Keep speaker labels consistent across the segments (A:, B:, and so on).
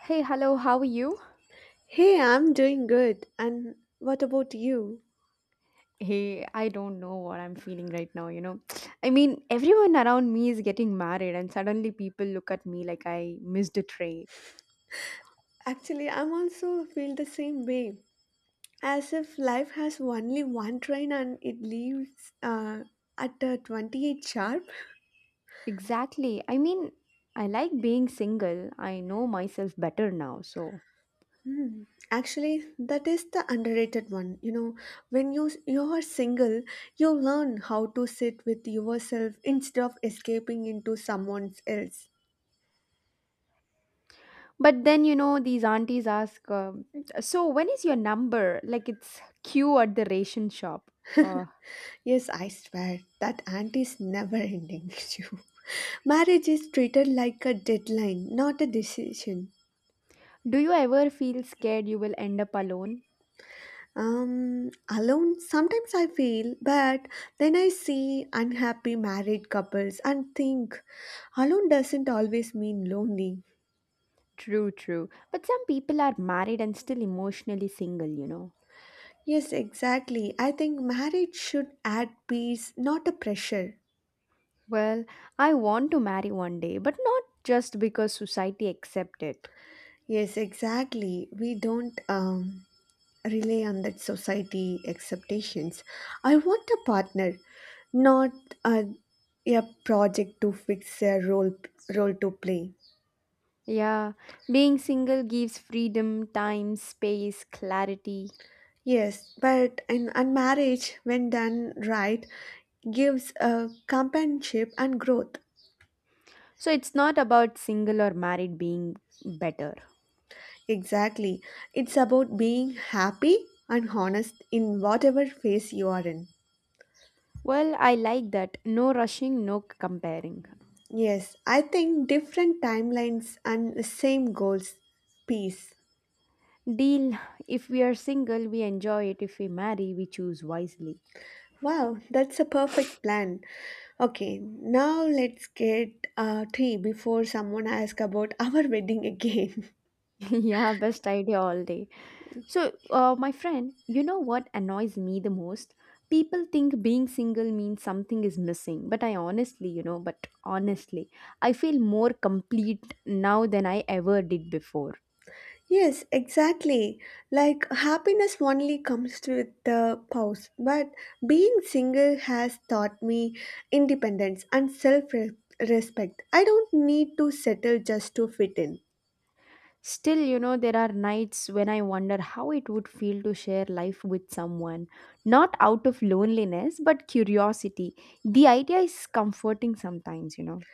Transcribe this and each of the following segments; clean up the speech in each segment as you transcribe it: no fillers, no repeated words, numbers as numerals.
A: Hey, hello, how are you?
B: Hey, I'm doing good. And what about you?
A: Hey, I don't know what I'm feeling right now, you know. I mean, everyone around me is getting married, and suddenly people look at me like I missed a train.
B: Actually, I'm also feel the same way. As if life has only one train and it leaves at 28 sharp.
A: Exactly. I mean, I like being single. I know myself better now.
B: Hmm. Actually, that is the underrated one. You know, when you are single, you learn how to sit with yourself instead of escaping into someone else.
A: But then, you know, these aunties ask, so, when is your number? Like it's queue at the ration shop. Uh,
B: Yes, I swear that aunt is never ending. you. Marriage is treated like a deadline, not a decision.
A: do you ever feel scared you will end up alone?
B: Alone, sometimes I feel, but then I see unhappy married couples and think alone doesn't always mean lonely.
A: True, true. But some people are married and still emotionally single, you know.
B: Yes, exactly. I think marriage should add peace, not a pressure.
A: Well, I want to marry one day, but not just because society accepts it.
B: Yes, exactly. We don't rely on that society expectations. I want a partner, not a, a project to fix a role to play.
A: Yeah, being single gives freedom, time, space, clarity.
B: Yes, but in, and marriage, when done right, gives a companionship and growth.
A: So it's not about single or married being better.
B: Exactly. It's about being happy and honest in whatever phase you are in.
A: Well, I like that. No rushing, no comparing.
B: Yes, I think different timelines and the same goals. Peace.
A: Deal. If we are single, we enjoy it. If we marry, we choose wisely.
B: Wow, that's a perfect plan. Okay, now let's get tea before someone asks about our wedding again.
A: Yeah, best idea all day. So, my friend, you know what annoys me the most? People think being single means something is missing, but I honestly, you know, but honestly, I feel more complete now than I ever did before.
B: yes, exactly. Like happiness only comes with the pause, but being single has taught me independence and self respect. I don't need to settle just to fit in.
A: Still, you know, there are nights when I wonder how it would feel to share life with someone, not out of loneliness, but curiosity. The idea is comforting sometimes, you know.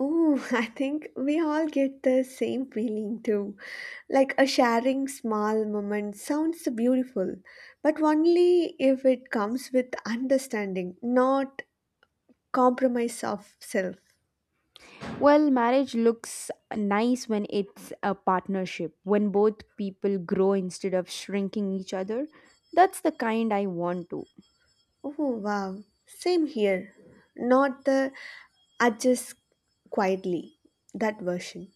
B: Ooh, I think we all get the same feeling too. Like a sharing small moment sounds beautiful, but only if it comes with understanding, not compromise of self.
A: Well, marriage looks nice when it's a partnership, when both people grow instead of shrinking each other. That's the kind I want to.
B: Oh, wow. Same here. Not the adjust quietly, that version.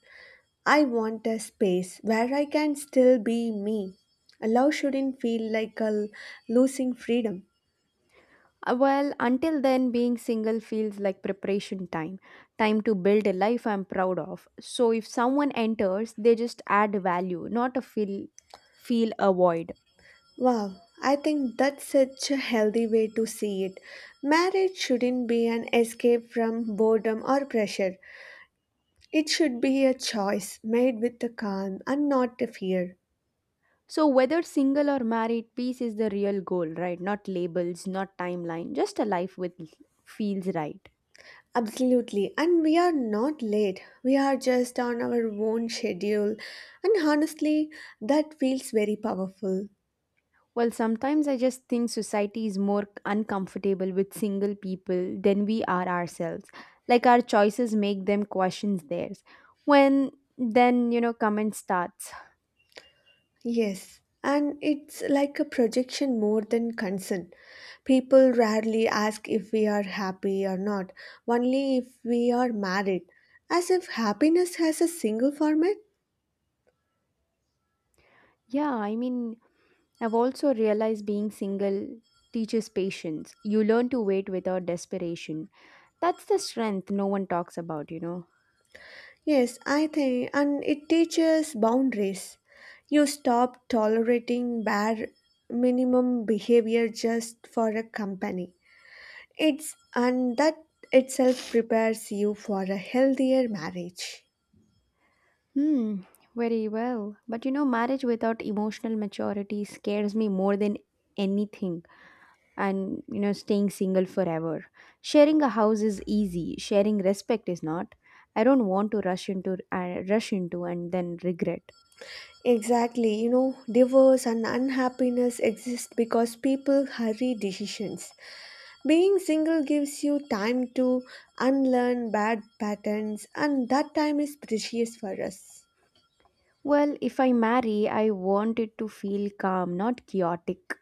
B: I want a space where I can still be me. Love shouldn't feel like losing freedom.
A: Well, until then, being single feels like preparation time, time to build a life I'm proud of. So if someone enters, they just add value, not a feel a void.
B: Wow, I think that's such a healthy way to see it. Marriage shouldn't be an escape from boredom or pressure. It should be a choice made with the calm and not the fear.
A: So whether single or married, peace is the real goal, right? Not labels, not timeline, just a life with feels right.
B: Absolutely, and we are not late. We are just on our own schedule, and honestly, that feels very powerful.
A: Well, sometimes I just think society is more uncomfortable with single people than we are ourselves. Like our choices make them question theirs. When then, you know, comment starts.
B: Yes, and it's like a projection more than concern. People rarely ask if we are happy or not, only if we are married, as if happiness has a single format.
A: Yeah, I mean, I've also realized being single teaches patience. You learn to wait without desperation. That's the strength no one talks about, you know.
B: Yes, I think, and it teaches boundaries. You stop tolerating bare minimum behavior just for a company. It's and that itself prepares you for a healthier marriage.
A: Hmm, very well. But you know, marriage without emotional maturity scares me more than anything. And you know, staying single forever, sharing a house is easy, sharing respect is not. I don't want to rush into and then regret.
B: Exactly, you know, divorce and unhappiness exist because people hurry decisions. Being single gives you time to unlearn bad patterns, and that time is precious for us.
A: Well, if I marry, I want it to feel calm, not chaotic,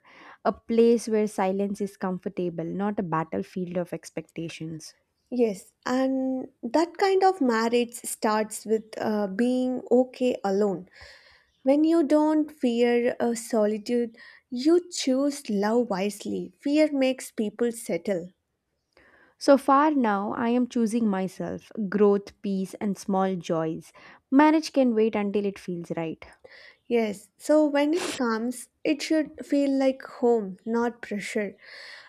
A: a place where silence is comfortable, not a battlefield of expectations.
B: Yes, and that kind of marriage starts with being okay alone. When you don't fear solitude, you choose love wisely. Fear makes people settle.
A: So far now I am choosing myself, growth, peace, and small joys. Marriage can wait until it feels right.
B: Yes, so when it comes, it should feel like home, not pressure.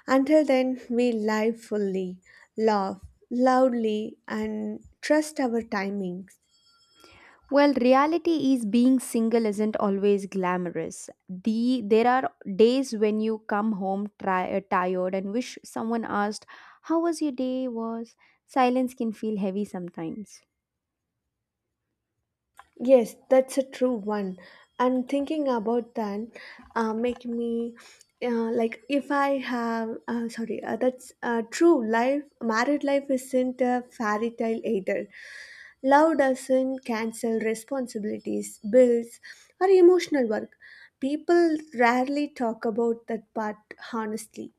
B: Until then, we live fully, laugh loudly, and trust our timings.
A: Well, reality is being single isn't always glamorous. There are days when you come home tired and wish someone asked, "How was your day?" Was silence can feel heavy sometimes.
B: Yes, that's a true one. And thinking about that, make me like if I have sorry, that's true. Life, married life isn't a fairy tale either. Love doesn't cancel responsibilities, bills, or emotional work. People rarely talk about that part honestly.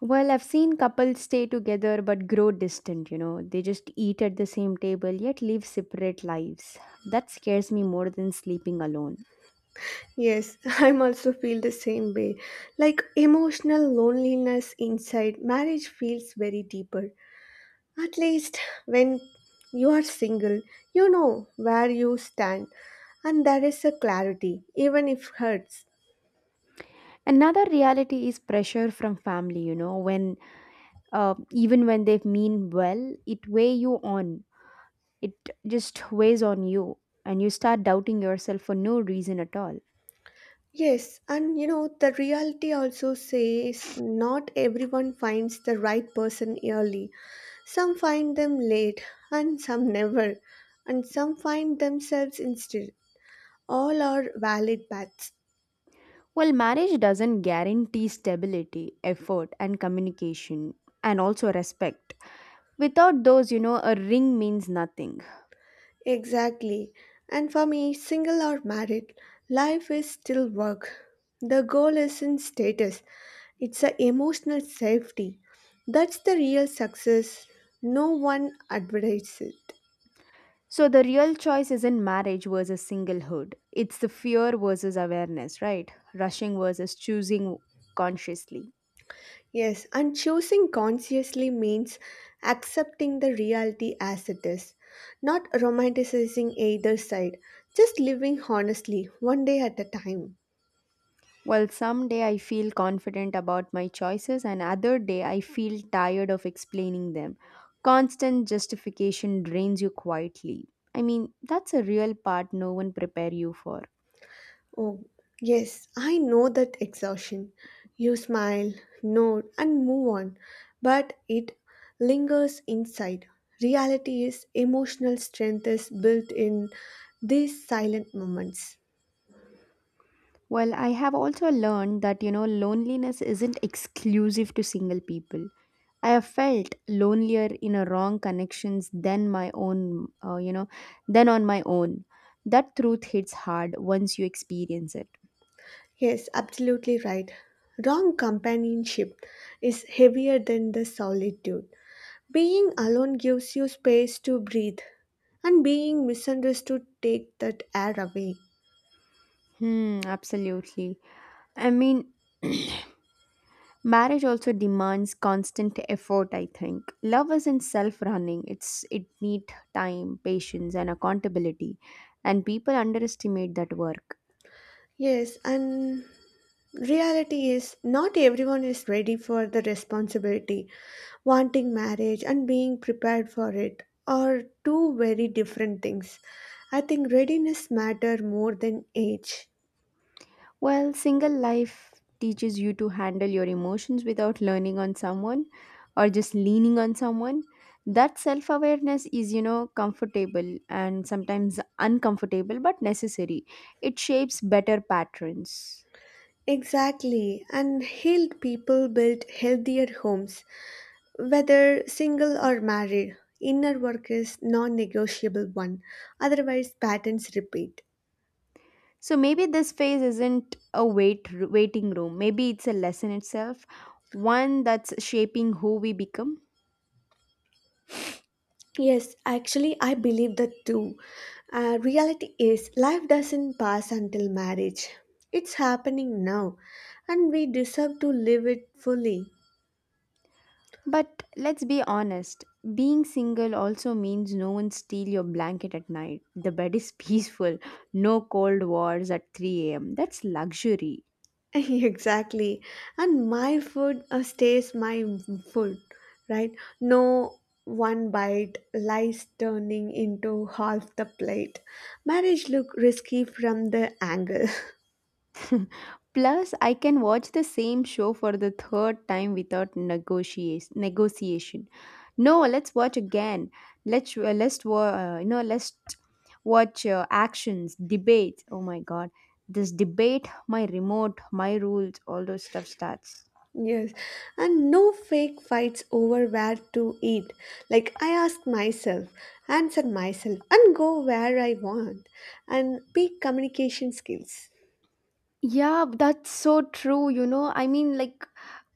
A: Well, I've seen couples stay together but grow distant, you know. They just eat at the same table yet live separate lives. That scares me more than sleeping alone.
B: Yes, I'm also feel the same way. Like emotional loneliness inside marriage feels very deeper. At least when you are single, you know where you stand, and there is a clarity, even if hurts.
A: Another reality is pressure from family, you know, when even when they mean well, it weigh you on. It just weighs on you and you start doubting yourself for no reason at all.
B: Yes, and you know, the reality also says not everyone finds the right person early. Some find them late, and some never, and some find themselves instead. All are valid paths.
A: Well, marriage doesn't guarantee stability, effort, and communication, and also respect. Without those, you know, a ring means nothing.
B: Exactly. And for me, single or married, life is still work. The goal isn't status, it's a emotional safety. That's the real success. No one advertises it.
A: So the real choice isn't marriage versus singlehood. It's the fear versus awareness, right? Rushing versus choosing consciously.
B: Yes, and choosing consciously means accepting the reality as it is, not romanticizing either side, just living honestly, one day at a time.
A: Well, some day I feel confident about my choices, and other day I feel tired of explaining them. Constant justification drains you quietly. I mean, that's a real part no one prepare you for.
B: Oh, yes, I know that exhaustion. You smile, nod, and move on, but it lingers inside. Reality is emotional strength is built in these silent moments.
A: Well, I have also learned that you know loneliness isn't exclusive to single people. I have felt lonelier in a wrong connections than my own, you know, than on my own. That truth hits hard once you experience it.
B: Yes, absolutely right. Wrong companionship is heavier than the solitude. Being alone gives you space to breathe, and being misunderstood take that air away.
A: Hmm, absolutely. I mean, marriage also demands constant effort, I think. Love isn't self-running. It's it need time, patience and accountability, and people underestimate that work.
B: Yes, and reality is not everyone is ready for the responsibility. Wanting marriage and being prepared for it are two very different things. I think readiness matter more than age.
A: Well, single life teaches you to handle your emotions without learning on someone or just leaning on someone. That self-awareness is, you know, comfortable and sometimes uncomfortable but necessary. It shapes better patterns.
B: Exactly, and healed people build healthier homes, whether single or married. Inner work is non-negotiable one. Otherwise patterns repeat.
A: So maybe this phase isn't a waiting room. Maybe it's a lesson itself, one that's shaping who we become.
B: Yes, actually, I believe that too. Reality is, life doesn't pass until marriage. It's happening now, and we deserve to live it fully.
A: But let's be honest, being single also means no one steal your blanket at night. The bed is peaceful, no cold wars at 3 a.m. That's luxury.
B: exactly. And my food stays my food, right? No one bite lies turning into half the plate. Marriage look risky from the angle.
A: Plus, I can watch the same show for the third time without negotiation. No, let's watch again. Let's wa- you know Let's watch actions, debates. Oh my god, this debate, my remote, my rules, all those stuff starts.
B: Yes, and no fake fights over where to eat. Like, I ask myself, answer myself, and go where I want, and peak communication skills.
A: Yeah, that's so true. You know, I mean, like,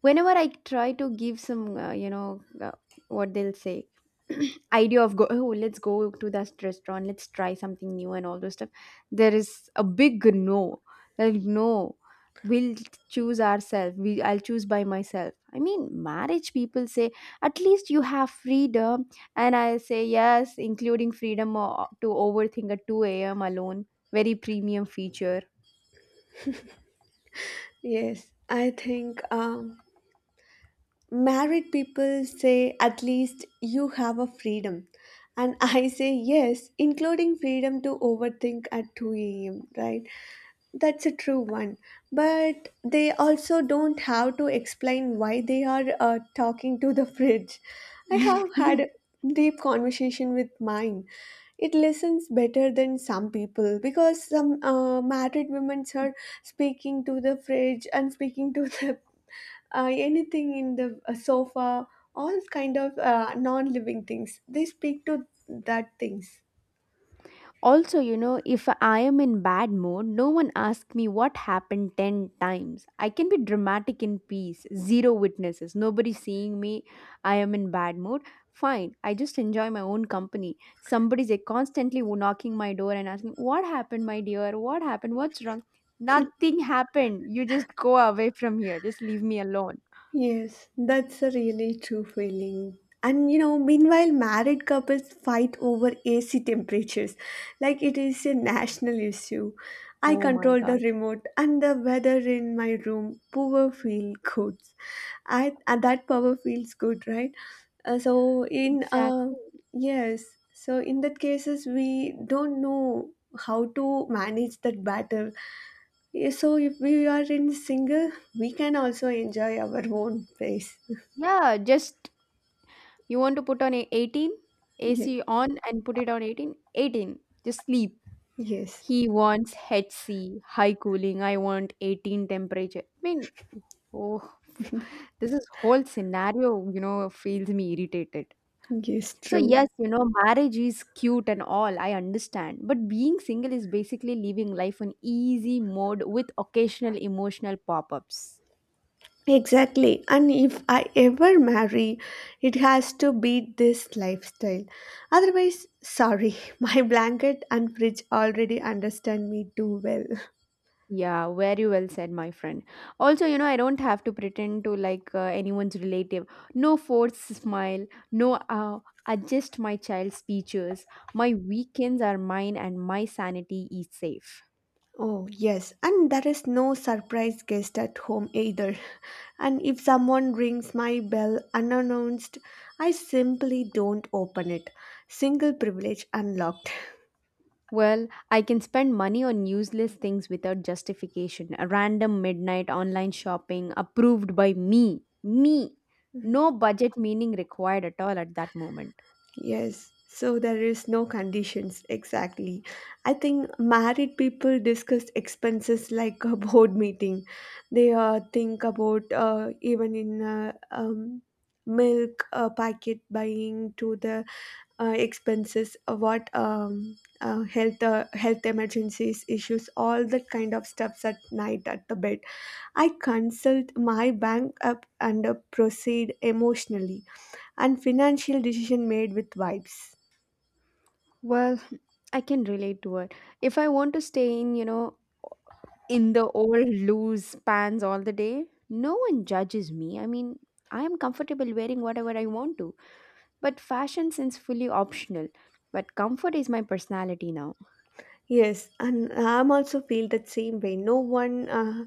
A: whenever I try to give what they'll say, idea of go, oh, let's go to that restaurant, let's try something new and all those stuff, there is a big no. Like, no, we'll choose ourselves. We, I'll choose by myself. I mean, marriage people say, at least you have freedom. And I say, yes, including to overthink at 2 a.m. alone, very premium feature.
B: Yes, I think married people say at least you have a freedom. And I say yes, including freedom to overthink at 2 a.m., right? That's a true one. But they also don't have to explain why they are talking to the fridge. I have had a deep conversation with mine. It listens better than some people because some married women are speaking to the fridge and speaking to the anything in the sofa, all kind of non-living things. They speak to that things.
A: Also, you know, if I am in bad mood, no one asks me what happened 10 times. I can be dramatic in peace, zero witnesses, nobody seeing me. I am in bad mood. Fine, I just enjoy my own company. Somebody's like, constantly knocking my door and asking, what happened, my dear? What happened? What's wrong? Nothing happened. You just go away from here. Just leave me alone.
B: Yes, that's a really true feeling. And you know, meanwhile, married couples fight over AC temperatures like it is a national issue. I
A: Oh my
B: control the
A: God.
B: remote and the weather in my room. Power feel good. I and that power feels good, right? So in
A: Exactly.
B: yes, so in that cases we don't know how to manage that battle yeah, so if we are in single, we can also enjoy our own pace.
A: Yeah, just you want to put on a 18?
B: Yeah.
A: AC on and put it on 18? 18. Just sleep.
B: Yes.
A: He wants HC, high cooling. I want 18 temperature. I mean, oh, this is whole scenario, you know, feels me irritated.
B: Yes,
A: So,
B: true.
A: yes, you know, marriage is cute and all, I understand. But being single is basically living life on easy mode with occasional emotional pop ups.
B: Exactly. And if I ever marry, it has to be this lifestyle. Otherwise, sorry, my blanket and fridge already understand me too well.
A: Yeah, very well said, my friend. Also, you know, I don't have to pretend to like anyone's relative. No forced smile, no adjust my child's features. My weekends are mine and my sanity is safe.
B: Oh, yes, and there is no surprise guest at home either. And if someone rings my bell unannounced, I simply don't open it. Single privilege unlocked.
A: Well, I can spend money on useless things without justification. A random midnight online shopping approved by me.
B: Mhm.
A: No budget meaning required at all at that moment.
B: Yes, so there is no conditions exactly. I think married people discuss expenses like a board meeting. They think about even in milk packet buying to the expenses, what health health emergencies issues, all that kind of stuffs at night at the bed. I consult my bank up and proceed emotionally and financial decision made with vibes.
A: Well, I can relate to it. If I want to stay in, you know, in the old loose pants all the day, no one judges me. I mean, I am comfortable wearing whatever I want to. But fashion since fully optional. But comfort is my personality now.
B: Yes, and I'm also feel that same way. No one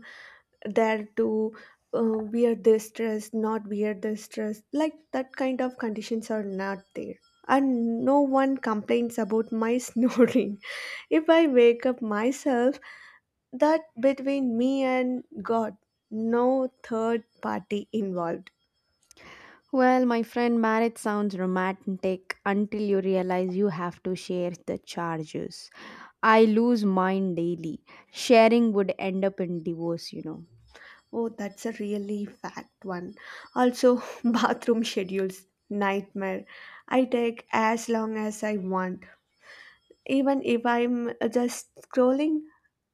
B: there to uh, wear this dress, not wear this dress. Like that kind of conditions are not there. And no one complains about my snoring. If I wake up myself, that between me and God, no third party involved.
A: Well, my friend, marriage sounds romantic until you realize you have to share the charges. I lose mine daily. Sharing would end up in divorce, you know.
B: Oh, that's a really fact one. Also, bathroom schedules, nightmare. I take as long as I want. Even if I'm just scrolling,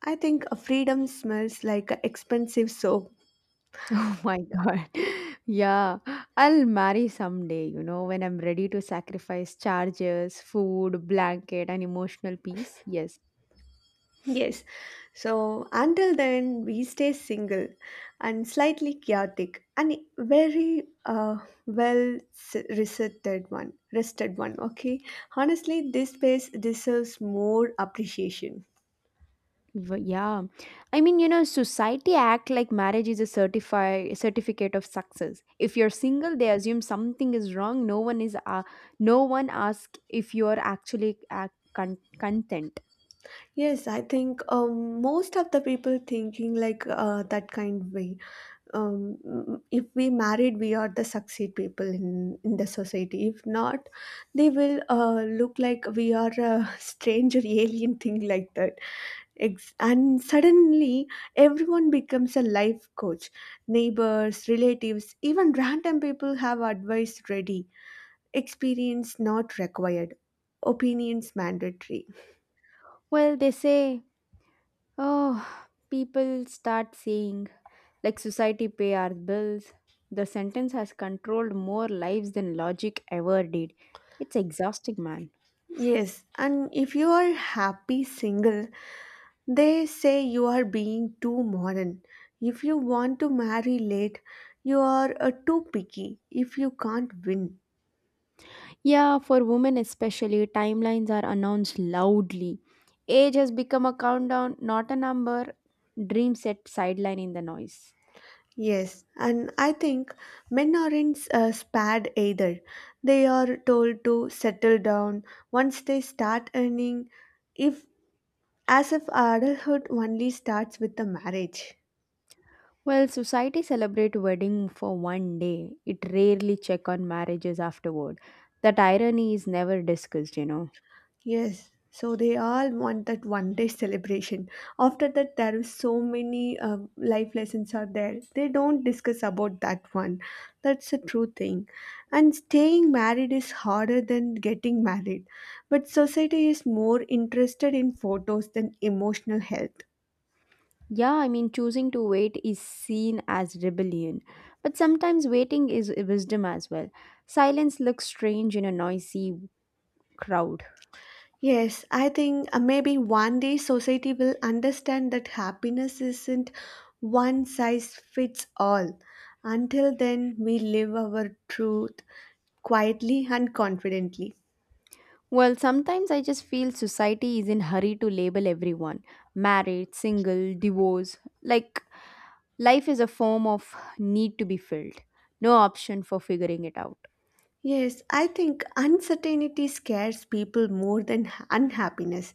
B: I think freedom smells like a expensive soap.
A: Oh my god. Yeah, I'll marry someday, you know, when I'm ready to sacrifice charges, food, blanket, and emotional peace. Yes,
B: Yes. So until then, we stay single and slightly chaotic and very well rested one. Rested one. Okay. Honestly, this space deserves more appreciation.
A: Yeah. I mean, you know, society act like marriage is a certify certificate of success. If you're single, they assume something is wrong. No one asks if you are actually con- content.
B: Yes, I think most of the people thinking like that kind way if we married we are the succeed people in the society if not they will look like we are a strange or alien thing like that. And suddenly everyone becomes a life coach, neighbors, relatives, even random people have advice ready, experience not required, opinions mandatory.
A: Well, they say, "Oh, people start saying like society pay our bills." The sentence has controlled more lives than logic ever did. It's exhausting, man.
B: Yes, and if you are happy single, they say you are being too modern. If you want to marry late, you are too picky if you can't win.
A: Yeah, for women especially, timelines are announced loudly. Age has become a countdown, not a number. Dream set sideline in the noise.
B: Yes, and I think men aren't spared either. They are told to settle down once they start earning, if as if adulthood only starts with the marriage.
A: Well, society celebrate wedding for one day. It rarely check on marriages afterward. That irony is never discussed, you know.
B: Yes, so they all want that one day celebration. After that, there is so many life lessons are there. They don't discuss about that one. That's a true thing. And staying married is harder than getting married. But society is more interested in photos than emotional health.
A: Yeah, I mean choosing to wait is seen as rebellion, but sometimes waiting is wisdom as well. Silence looks strange in a noisy crowd.
B: Yes, I think maybe one day society will understand that happiness isn't one size fits all. Until then, we live our truth quietly and confidently.
A: Well, sometimes I just feel society is in hurry to label everyone. Married, single, divorce. Like life is a form of need to be filled. No option for figuring it out.
B: Yes, I think uncertainty scares people more than unhappiness.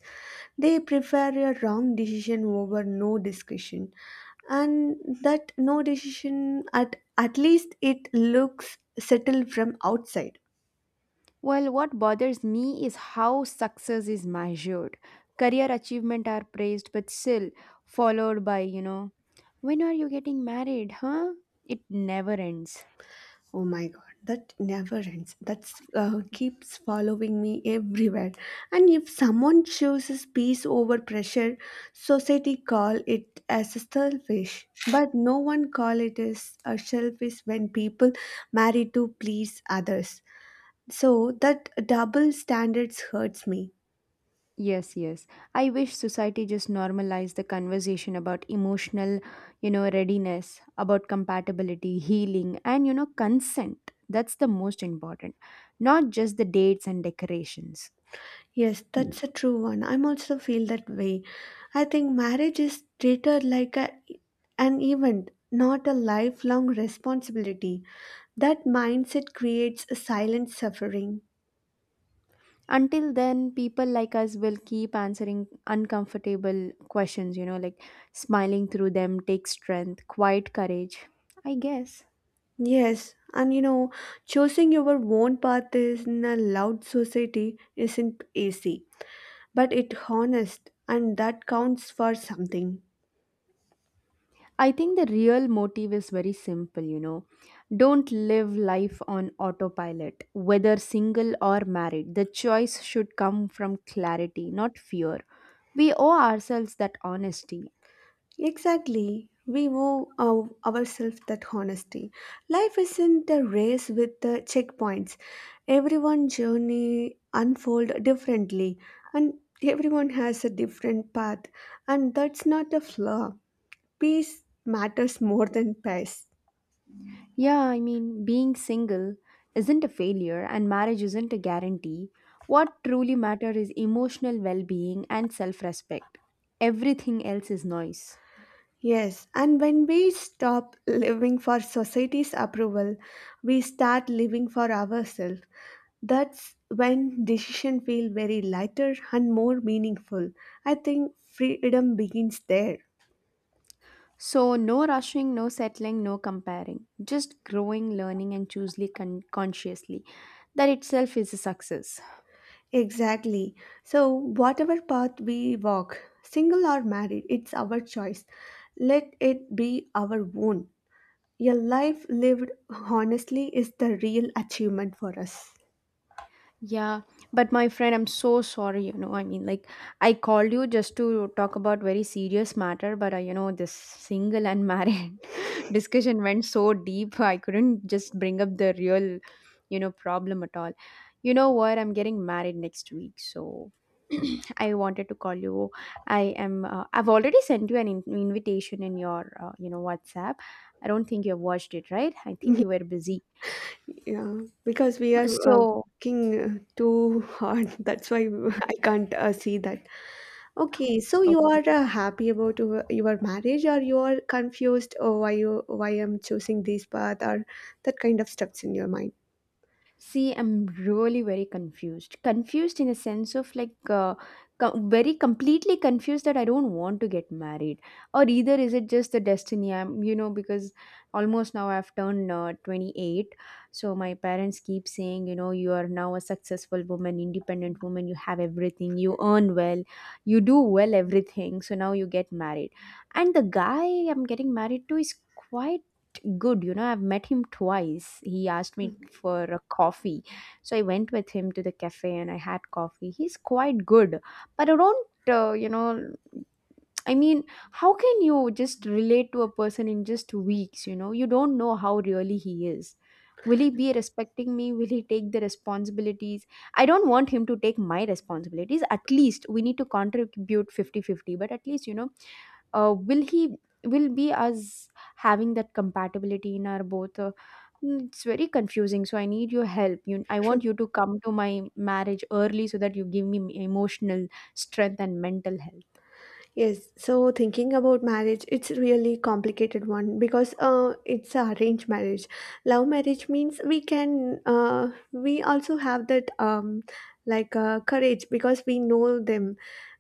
B: They prefer a wrong decision over no discussion. And that no decision, at least it looks settled from outside.
A: Well, what bothers me is how success is measured. Career achievement are praised but still followed by, you know, when are you getting married, huh? It never ends.
B: Oh my god, that never ends. That's keeps following me everywhere. And if someone chooses peace over pressure, society call it as a selfish. But no one call it as a selfish when people marry to please others. So that double standards hurts me.
A: Yes, yes. I wish society just normalized the conversation about emotional, you know, readiness, about compatibility, healing, and, you know, consent. That's the most important, not just the dates and decorations.
B: Yes,
A: Mm.
B: that's a true one. I'm also feel that way. I think marriage is treated like an event, not a lifelong responsibility. That mindset creates a silent suffering.
A: Until then, people like us will keep answering uncomfortable questions, you know, like smiling through them takes strength, quiet courage, I guess.
B: Yes, and you know, choosing your own path is in a loud society isn't easy, but it honest and that counts for something.
A: I think the real motive is very simple, you know. Don't live life on autopilot, whether single or married. The choice should come from clarity, not fear. We owe ourselves that honesty.
B: Exactly. We owe ourselves that honesty. Life isn't a race with the checkpoints. Everyone's journey unfold differently and everyone has a different path and that's not a flaw. Peace matters more than pace.
A: Yeah, I mean, being single isn't a failure and marriage isn't a guarantee. What truly matters is emotional well being and self respect. Everything else is noise.
B: Yes, and when we stop living for society's approval, we start living for ourselves. That's when decisions feel very lighter and more meaningful. I think freedom begins there.
A: So, no rushing, no settling, no comparing. Just growing, learning, and choosing consciously. That itself is a success.
B: Exactly. So, whatever path we walk, single or married, it's our choice. Let it be our own. Your life lived honestly is the real achievement for us.
A: Yeah, but my friend, I'm so sorry. I mean, like, I called you just to talk about very serious matter, but this single and married discussion went so deep, I couldn't just bring up the real problem at all. You know what? I'm getting married next week, so I wanted to call you. I am. I've already sent you an invitation in your, WhatsApp. I don't think you have watched it, right? I think you were busy.
B: Yeah, because we are
A: So,
B: working too hard. That's why I can't see that. Okay, so you
A: okay.
B: are happy about your marriage, or you are confused? Oh, why you why I'm choosing this path, or that kind of stuffs in your mind.
A: See, I'm really very confused. Confused in a sense of like, very completely confused that I don't want to get married, or either is it just the destiny? I'm, because almost now I've turned 28, so my parents keep saying, you are now a successful woman, independent woman. You have everything. You earn well. You do well everything. So now you get married, and the guy I'm getting married to is quite good. I've met him twice. He asked me
B: Okay.
A: for a coffee, so I went with him to the cafe, and I had coffee. He's quite good, but I don't, I mean, how can you just relate to a person in just weeks? You don't know how really he is. Will he be respecting me? Will he take the responsibilities? I don't want him to take my responsibilities. At least we need to contribute fifty-fifty, but at least, will he will be us having that compatibility in our both it's very confusing, so I need your help you I want you to come to my marriage early so that you give me emotional strength and mental health.
B: Yes, so thinking about marriage, it's really complicated one because it's a arranged marriage. Love marriage means we can we also have that like courage because we know them,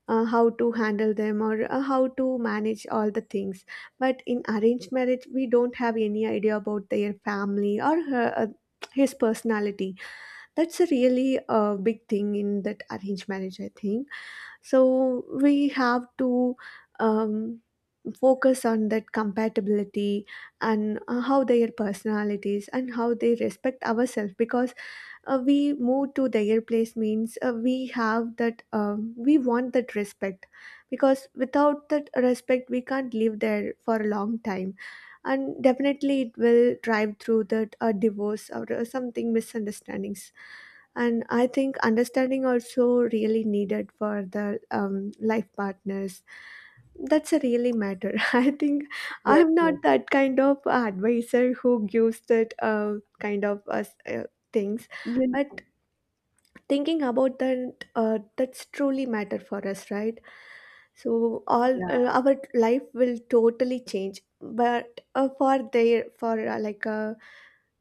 B: how to handle them, or how to manage all the things, but in arranged marriage we don't have any idea about their family, or his personality. That's a really big thing in that arranged marriage, I think. So we have to, um, focus on that compatibility and how their personalities and how they respect ourselves, because we move to their place means we have that, we want that respect, because without that respect we can't live there for a long time, and definitely it will drive through that divorce or something misunderstandings. And I think understanding also really needed for the life partners. That's a really matter, I think.
A: Yes,
B: I'm not
A: yes.
B: that kind of advisor who gives that kind of things.
A: you
B: But thinking about that, that's truly matter for us, right? So all
A: Yeah,
B: our life will totally change, but for their for like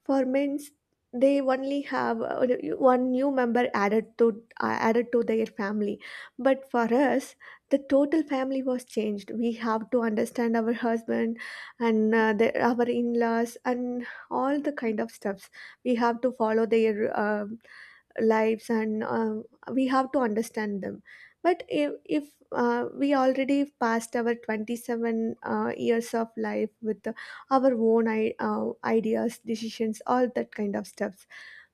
B: for men's, they only have one new member added to, added to their family. But for us, the total family was changed. We have to understand our husband and the, our in-laws and all the kind of stuffs. We have to follow their lives, and we have to understand them. But if we already passed our 27 years of life with our own ideas, decisions, all that kind of stuffs.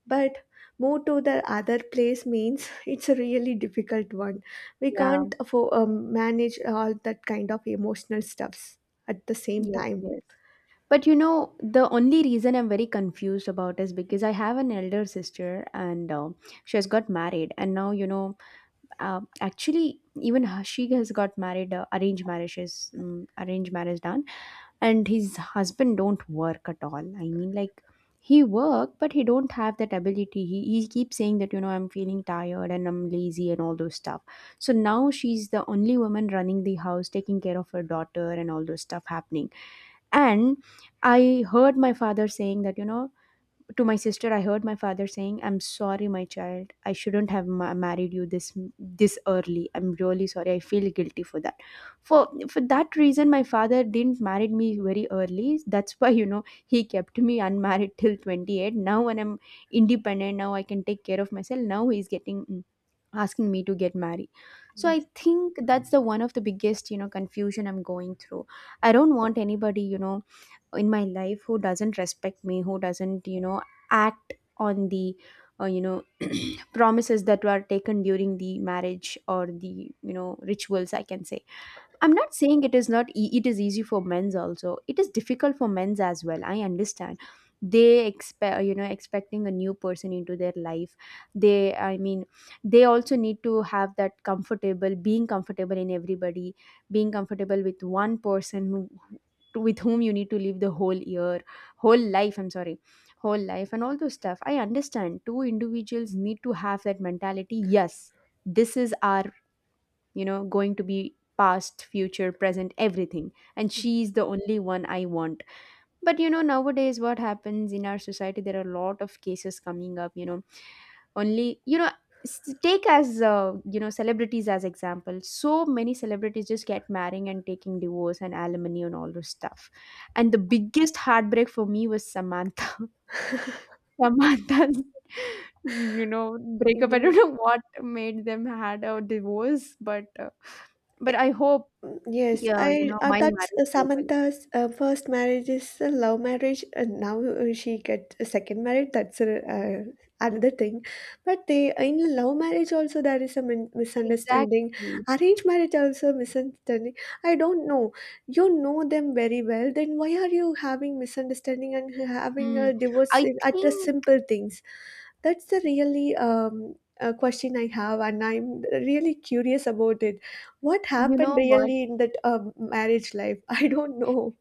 B: But move to the other place means, it's a really difficult one. We
A: yeah.
B: can't manage all that kind of emotional stuffs at the same
A: Yes,
B: time.
A: yes. But the only reason I'm very confused about is because I have an elder sister, and she has got married, and now, actually even Hashig has got married. Arranged marriages, arranged marriage done, and his husband don't work at all. I mean, like, he work, but he don't have that ability. He keeps saying that, I'm feeling tired, and I'm lazy, and all those stuff. So now she's the only woman running the house, taking care of her daughter, and all those stuff happening. And I heard my father saying that, to my sister, I heard my father saying, I'm sorry, my child, I shouldn't have married you this early. I'm really sorry. I feel guilty for that. For for that reason, my father didn't marry me very early. That's why he kept me unmarried till 28. Now when I'm independent, now I can take care of myself, now he's getting, asking me to get married. So I
B: Yes.
A: think that's the one of the biggest confusion I'm going through. I don't want anybody in my life who doesn't respect me, who doesn't act on the uh, you know promises that were taken during the marriage or the rituals, I can say. I'm not saying it is not it is easy for men's also. It is difficult for men's as well. I understand. They expecting a new person into their life. They, I mean, they also need to have that comfortable, being comfortable in everybody, being comfortable with one person with whom you need to live the whole year, whole life, I'm sorry, whole life, and all those stuff. I understand two individuals need to have that mentality. Yes, this is our going to be past, future, present, everything, and she's the only one I want. But nowadays what happens in our society, there are a lot of cases coming up, only, take as celebrities as example. So many celebrities just get marrying and taking divorce and alimony and all those stuff. And the biggest heartbreak for me was Samantha, Samantha's you know breakup. I
B: Yeah.
A: don't know what made them had a divorce, but I hope,
B: Yes,
A: yeah,
B: I
A: my
B: that's
A: marriage go well.
B: Samantha's first marriage is a love marriage, and now she get a second marriage. That's a, another thing. But they in love marriage also there is a misunderstanding.
A: Exactly.
B: Arranged marriage also misunderstanding. I don't know. You know them very well. Then why are you having misunderstanding and having
A: Hmm.
B: a divorce
A: I
B: in, at the
A: think,
B: simple things? That's the really question I have, and I'm really curious about it. What
A: you
B: happened
A: know what?
B: really in that marriage life? I don't know.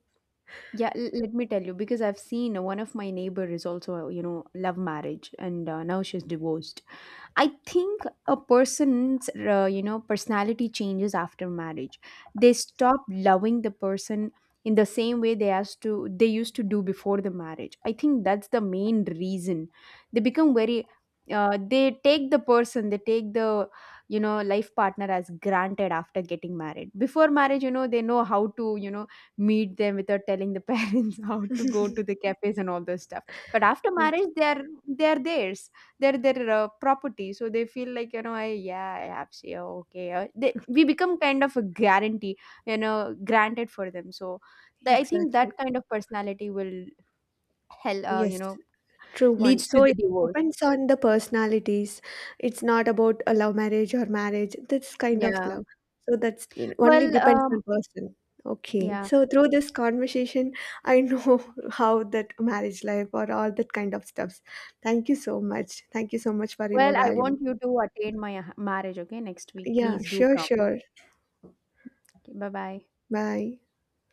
A: Yeah, let me tell you, because I've seen one of my neighbor is also, love marriage, and now she's divorced. I think a person's personality changes after marriage. They stop loving the person in the same way they as to they used to do before the marriage. I think that's the main reason. They become very, they take the person, they take the life partner as granted after getting married. Before marriage, they know how to meet them without telling the parents how to go to the cafes and all those stuff. But after
B: Yes,
A: marriage, they are theirs, their property, so they feel like, I, yeah, I have say, oh, okay, they, we become kind of a guarantee, granted for them. So I think that
B: exactly.
A: kind of personality will hell,
B: Yes, true one.
A: leads to
B: So
A: the
B: it
A: divorce.
B: depends on the personalities. It's not about a love marriage or marriage. This kind of
A: Yeah.
B: love. So that's only
A: Well.
B: depends on person. Okay.
A: Yeah.
B: So through this conversation, I know how that marriage life or all that kind of stuffs. Thank you so much. Thank you so much for your
A: Well, I
B: valuable.
A: want you to attend my marriage, okay? Next week,
B: Yeah,
A: please do
B: sure,
A: come.
B: sure.
A: Okay, bye bye.
B: Bye.